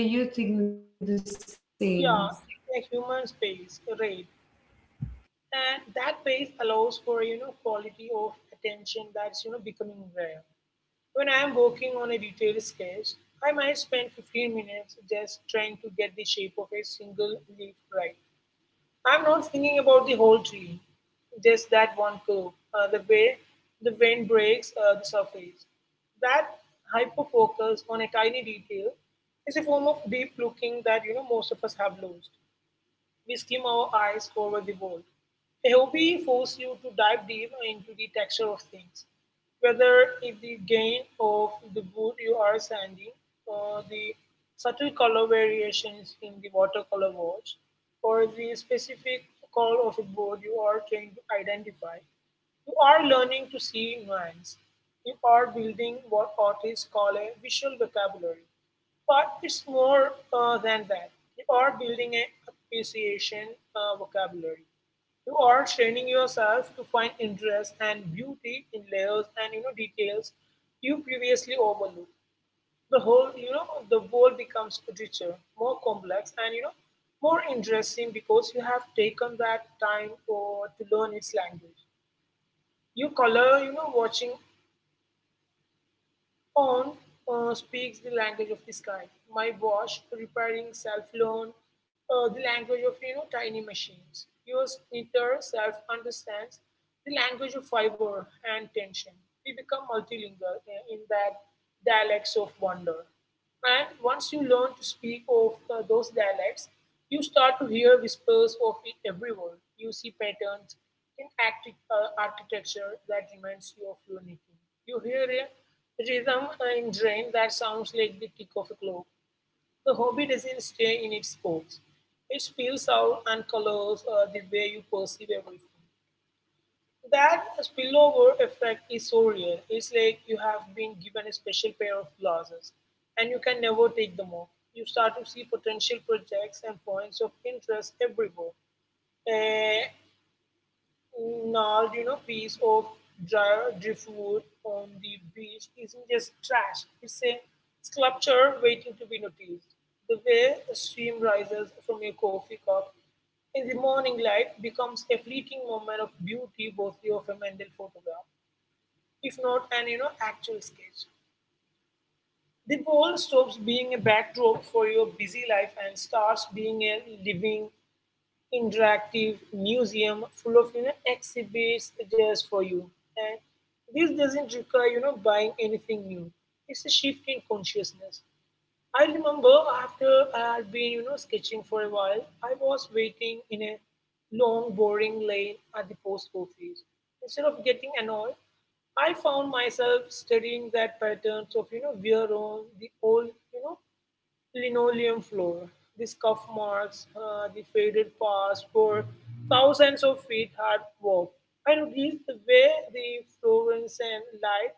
[SPEAKER 1] So do you think the same?
[SPEAKER 2] Yeah, it's a human space, right? And that pace allows for you know quality of attention that's you know becoming rare. When I am working on a detailed sketch, I might spend 15 minutes just trying to get the shape of a single leaf right. I'm not thinking about the whole tree, just that one curve, the way the wind breaks the surface. That hyper focus on a tiny detail is a form of deep looking that you know most of us have lost. We skim our eyes over the ball. A hobby forces you to dive deep into the texture of things, whether it's the grain of the wood you are sanding, or the subtle color variations in the watercolor wash, or the specific call of a board you are trying to identify. You are learning to see nuance. You are building what artists call a visual vocabulary. But it's more than that. You are building an appreciation vocabulary. You are training yourself to find interest and beauty in layers and you know details you previously overlooked. The whole, you know, the world becomes richer, more complex, and, you know, more interesting because you have taken that time or to learn its language. You color, you know, watching on speaks the language of the sky. My watch, repairing self learn, the language of you know tiny machines. Your splinter self understands the language of fiber and tension. We become multilingual in that dialects of wonder. And once you learn to speak of those dialects, you start to hear whispers of it everywhere. You see patterns in architecture that reminds you of your knitting. You hear a rhythm in drain that sounds like the tick of a clock. The hobby doesn't stay in its box. It spills out and colors the way you perceive everything. That spillover effect is so real. It's like you have been given a special pair of glasses and you can never take them off. You start to see potential projects and points of interest everywhere. Eh, gnarled, you know, piece of dry driftwood on the beach isn't just trash. It's a sculpture waiting to be noticed. The way a stream rises from a coffee cup in the morning light becomes a fleeting moment of beauty worthy of a mental photograph, if not an you know actual sketch. The wall stops being a backdrop for your busy life and starts being a living interactive museum full of you know exhibits just for you. And this doesn't require you know buying anything new. It's a shift in consciousness. I remember after I had been you know sketching for a while, I was waiting in a long boring lane at the post office. Instead of getting annoyed, I found myself studying that patterns of you know wear on the old you know linoleum floor. The scuff marks, the faded past where thousands of feet had walked. I noticed the way the fluorescent light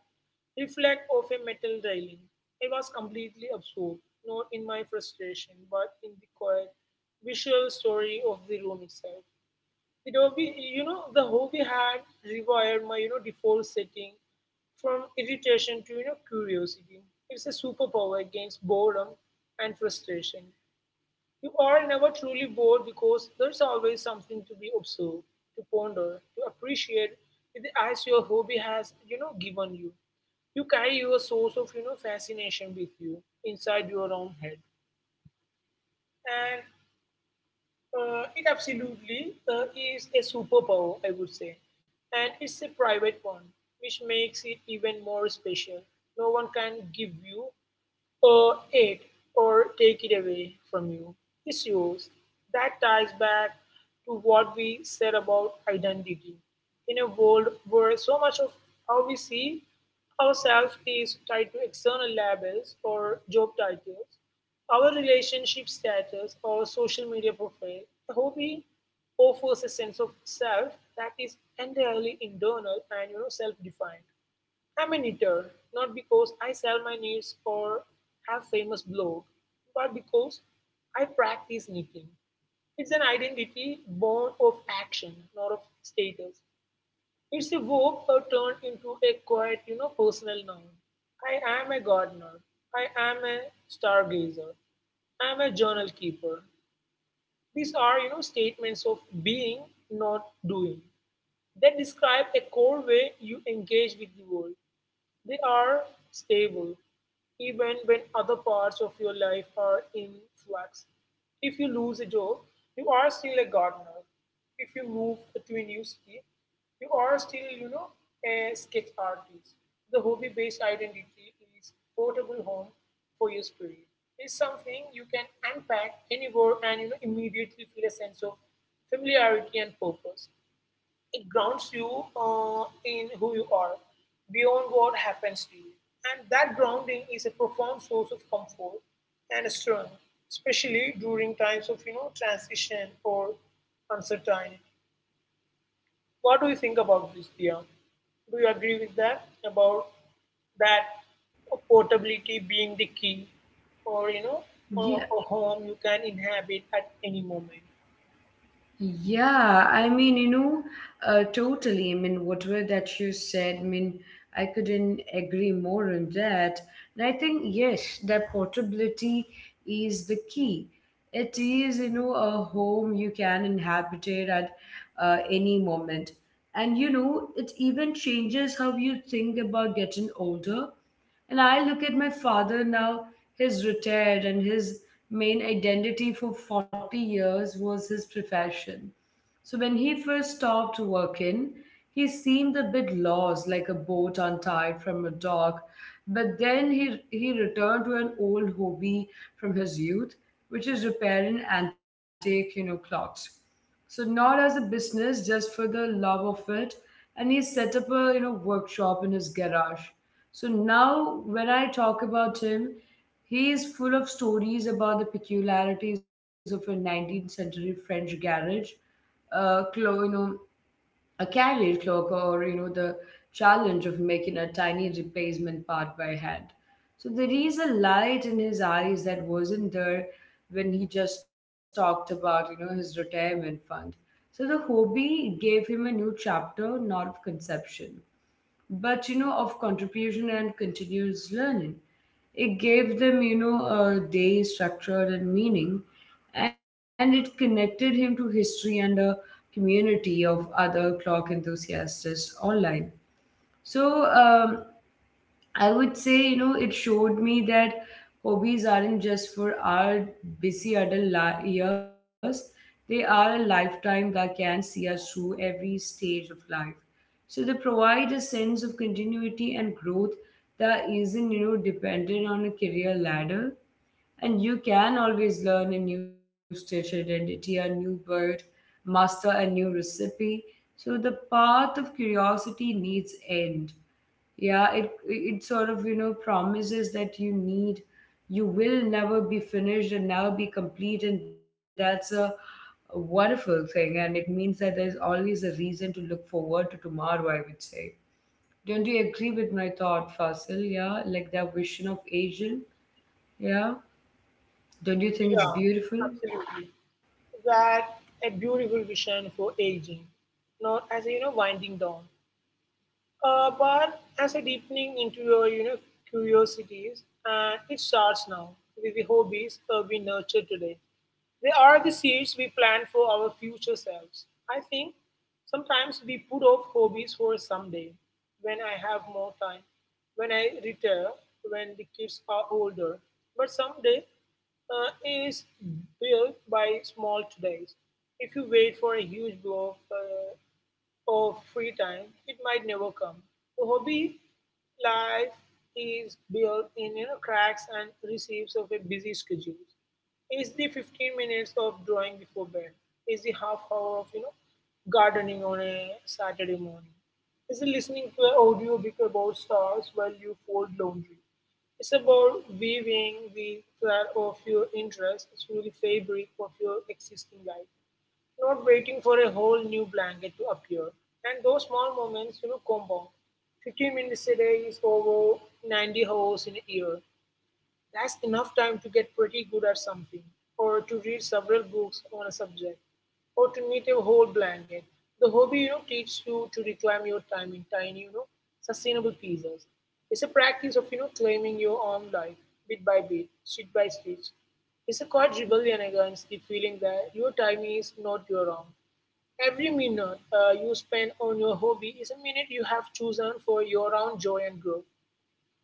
[SPEAKER 2] reflect off a metal railing. I was completely absorbed, not in my frustration, but in the quiet visual story of the room itself. The hobby had rewired my, you know, default setting from irritation to, you know, curiosity. It's a superpower against boredom and frustration. You are never truly bored because there's always something to be observed, to ponder, to appreciate with the eyes your hobby has, you know, given you. You carry your source of, you know, fascination with you inside your own head. It absolutely is a superpower, I would say. And it's a private one, which makes it even more special. No one can give you it or take it away from you. Is yours. That ties back to what we said about identity. In a world where so much of how we see ourselves is tied to external labels or job titles, our relationship status or social media profile, a hobby offers a sense of self that is entirely internal and you know self-defined. I'm an eater, not because I sell my needs or have famous blog, but because I practice knitting. It's an identity born of action, not of status. It's a verb turned into a quiet, you know, personal noun. I am a gardener. I am a stargazer. I am a journal keeper. These are, statements of being, not doing. They describe a core way you engage with the world. They are stable, even when other parts of your life are in flux. If you lose a job, you are still a gardener. If you move to a new city, you are still, a sketch artist. The hobby based identity is portable home for your spirit. It's something you can unpack anywhere and immediately feel a sense of familiarity and purpose. It grounds you in who you are, beyond what happens to you. And that grounding is a profound source of comfort and strength, especially during times of transition or uncertainty. What do you think about this, Dia? Do you agree with that about that portability being the key, or a home you can inhabit at any moment?
[SPEAKER 1] Yeah, I mean, you know, totally. I mean, whatever that you said, I mean, I couldn't agree more on that. And I think, yes, that portability is the key. It is, you know, a home you can inhabit it at any moment. And, you know, it even changes how you think about getting older, and I look at my father now, he's retired, and his main identity for 40 years was his profession. So when he first stopped working, he seemed a bit lost, like a boat untied from a dock. But then he returned to an old hobby from his youth, which is repairing antique, you know, clocks. So not as a business, just for the love of it. And he set up a you know workshop in his garage. So now, when I talk about him, he is full of stories about the peculiarities of a 19th century French garage, you know, a carriage clock, or you know, the challenge of making a tiny replacement part by hand. So there is a light in his eyes that wasn't there when he just talked about you know his retirement fund. So the hobby gave him a new chapter, not of conception but you know of contribution and continuous learning. It gave them you know a day structure and meaning, and it connected him to history and a community of other clock enthusiasts online. So I would say, you know, it showed me that hobbies aren't just for our busy adult years, they are a lifetime that can see us through every stage of life. So they provide a sense of continuity and growth that isn't, you know, dependent on a career ladder. And you can always learn a new stitch identity, a new bird, master a new recipe. So the path of curiosity needs end, yeah, it sort of you know promises that you need you will never be finished and never be complete and that's a wonderful thing, and it means that there's always a reason to look forward to tomorrow, I would say. Don't you agree with my thought, Fasil? Yeah, like that vision of asian. Yeah. Don't you think it's
[SPEAKER 2] Yeah,
[SPEAKER 1] beautiful?
[SPEAKER 2] absolutely. That a beautiful vision for aging, not as a winding down, bar as a deepening into your, curiosities, and it starts now with the hobbies we nurture today. They are the seeds we plant for our future selves. I think sometimes we put off hobbies for someday, when I have more time, when I retire, when the kids are older. But someday uh, is built by small todays. If you wait for a huge blow, of free time, it might never come. A hobby life is built in cracks and receives of a busy schedule. Is the 15 minutes of drawing before bed? Is the half hour of gardening on a Saturday morning? Is it listening to an audiobook about stars while you fold laundry? It's about weaving the thread of your interests through the fabric of your existing life, not waiting for a whole new blanket to appear. And those small moments, compound. 15 minutes a day is over 90 hours in a year. That's enough time to get pretty good at something, or to read several books on a subject, or to knit a whole blanket. The hobby, teaches you to reclaim your time in tiny, sustainable pieces. It's a practice of claiming your own life bit by bit, stitch by stitch. It's a quite rebellion against the feeling that your time is not your own. Every minute you spend on your hobby is a minute you have chosen for your own joy and growth.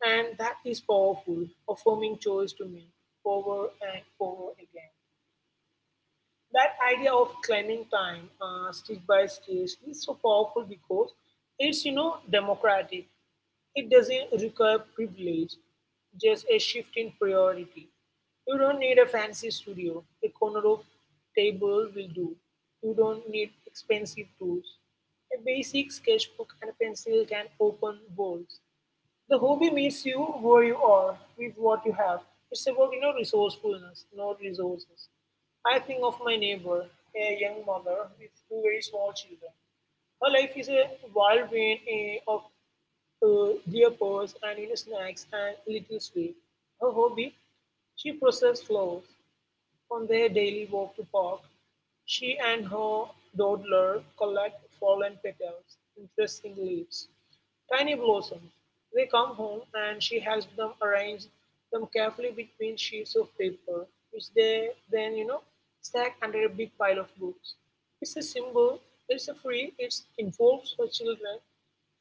[SPEAKER 2] And that is powerful, a forming choice to make over and over again. That idea of claiming time, stitch by stitch, is so powerful because it's democratic. It doesn't require privilege, just a shift in priority. You don't need a fancy studio, a corner of table will do. You don't need expensive tools. A basic sketchbook and a pencil can open doors. The hobby meets you where you are with what you have. It's about resourcefulness, not resources. I think of my neighbor, a young mother with two very small children. Her life is a whirlwind of diapers and snacks and little sweet. Her hobby, she processes flowers. On their daily walk to park, she and her dawdler collect fallen petals, interesting leaves. Tiny blossoms. They come home and she helps them arrange them carefully between sheets of paper, which they then, stack under a big pile of books. It's a symbol, it's a free, it involves her children,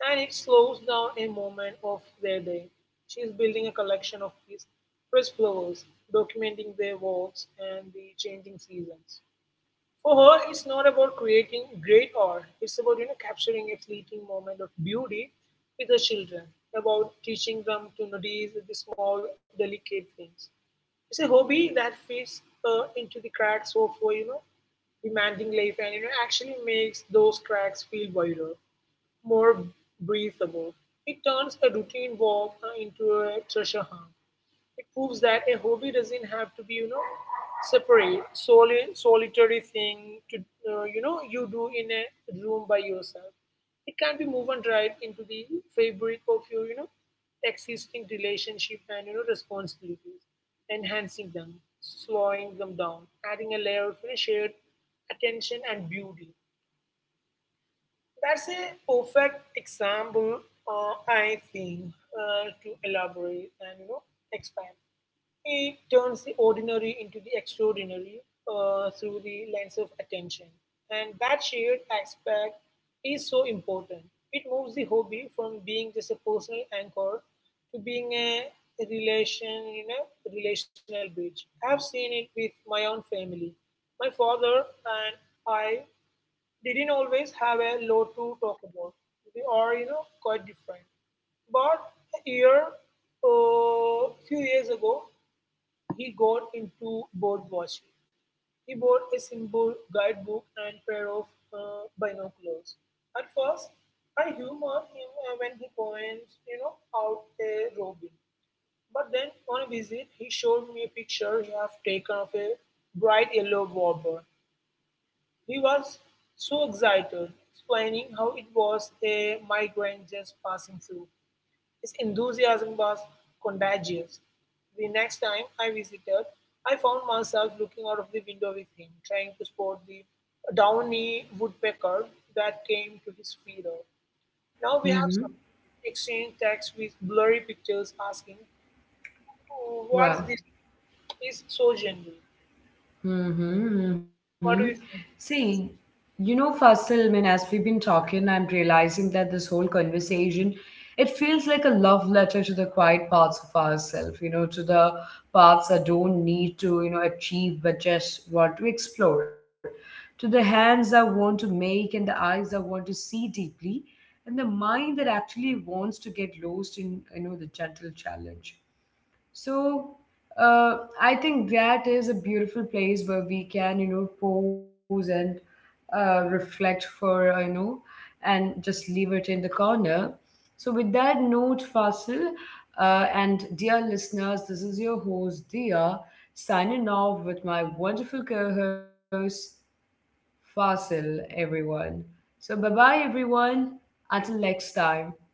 [SPEAKER 2] and it slows down a moment of their day. She is building a collection of these pressed flowers, documenting their walks and the changing seasons. For her, it's not about creating great art. It's about capturing a fleeting moment of beauty with her children, about teaching them to notice the small, delicate things. It's a hobby that fits into the cracks of demanding life, and actually makes those cracks feel wider, more breathable. It turns a routine walk into a treasure hunt. It proves that a hobby doesn't have to be solitary thing to, you do in a room by yourself. It can be woven right into the fabric of your existing relationship and responsibilities, enhancing them, slowing them down, adding a layer of shared attention and beauty. That's a perfect example, I think, to elaborate and expand. It turns the ordinary into the extraordinary through the lens of attention, and that shared aspect is so important. It moves the hobby from being just a personal anchor to being a relation, you know, relational bridge. I've seen it with my own family. My father and I didn't always have a lot to talk about. They are, quite different. But a few years ago, he got into bird watching. He bought a simple guidebook and pair of binoculars. At first, I humored him when he points, out a robin. But then on a visit, he showed me a picture he had taken of a bright yellow warbler. He was so excited, explaining how it was a migraine just passing through. His enthusiasm was contagious. The next time I visited, I found myself looking out of the window with him, trying to spot the downy woodpecker that came to his feeder. Now we have
[SPEAKER 1] Mm-hmm.
[SPEAKER 2] some exchange text with blurry pictures asking, "What's
[SPEAKER 1] Wow.
[SPEAKER 2] this? Is so gentle.
[SPEAKER 1] Mm-hmm, mm-hmm.
[SPEAKER 2] What do you think?
[SPEAKER 1] See, you know, Fasil, I mean, as we've been talking, I'm realizing that this whole conversation, it feels like a love letter to the quiet parts of ourselves, you know, to the parts that don't need to, you know, achieve but just want to explore, to the hands that want to make and the eyes that want to see deeply, and the mind that actually wants to get lost in, you know, the gentle challenge. So uh, I think that is a beautiful place where we can, you know, pose and reflect for, you know, and just leave it in the corner. So with that note, Fasil, and dear listeners, this is your host, Dia, signing off with my wonderful co-host, Fasil, everyone. So bye-bye, everyone. Until next time.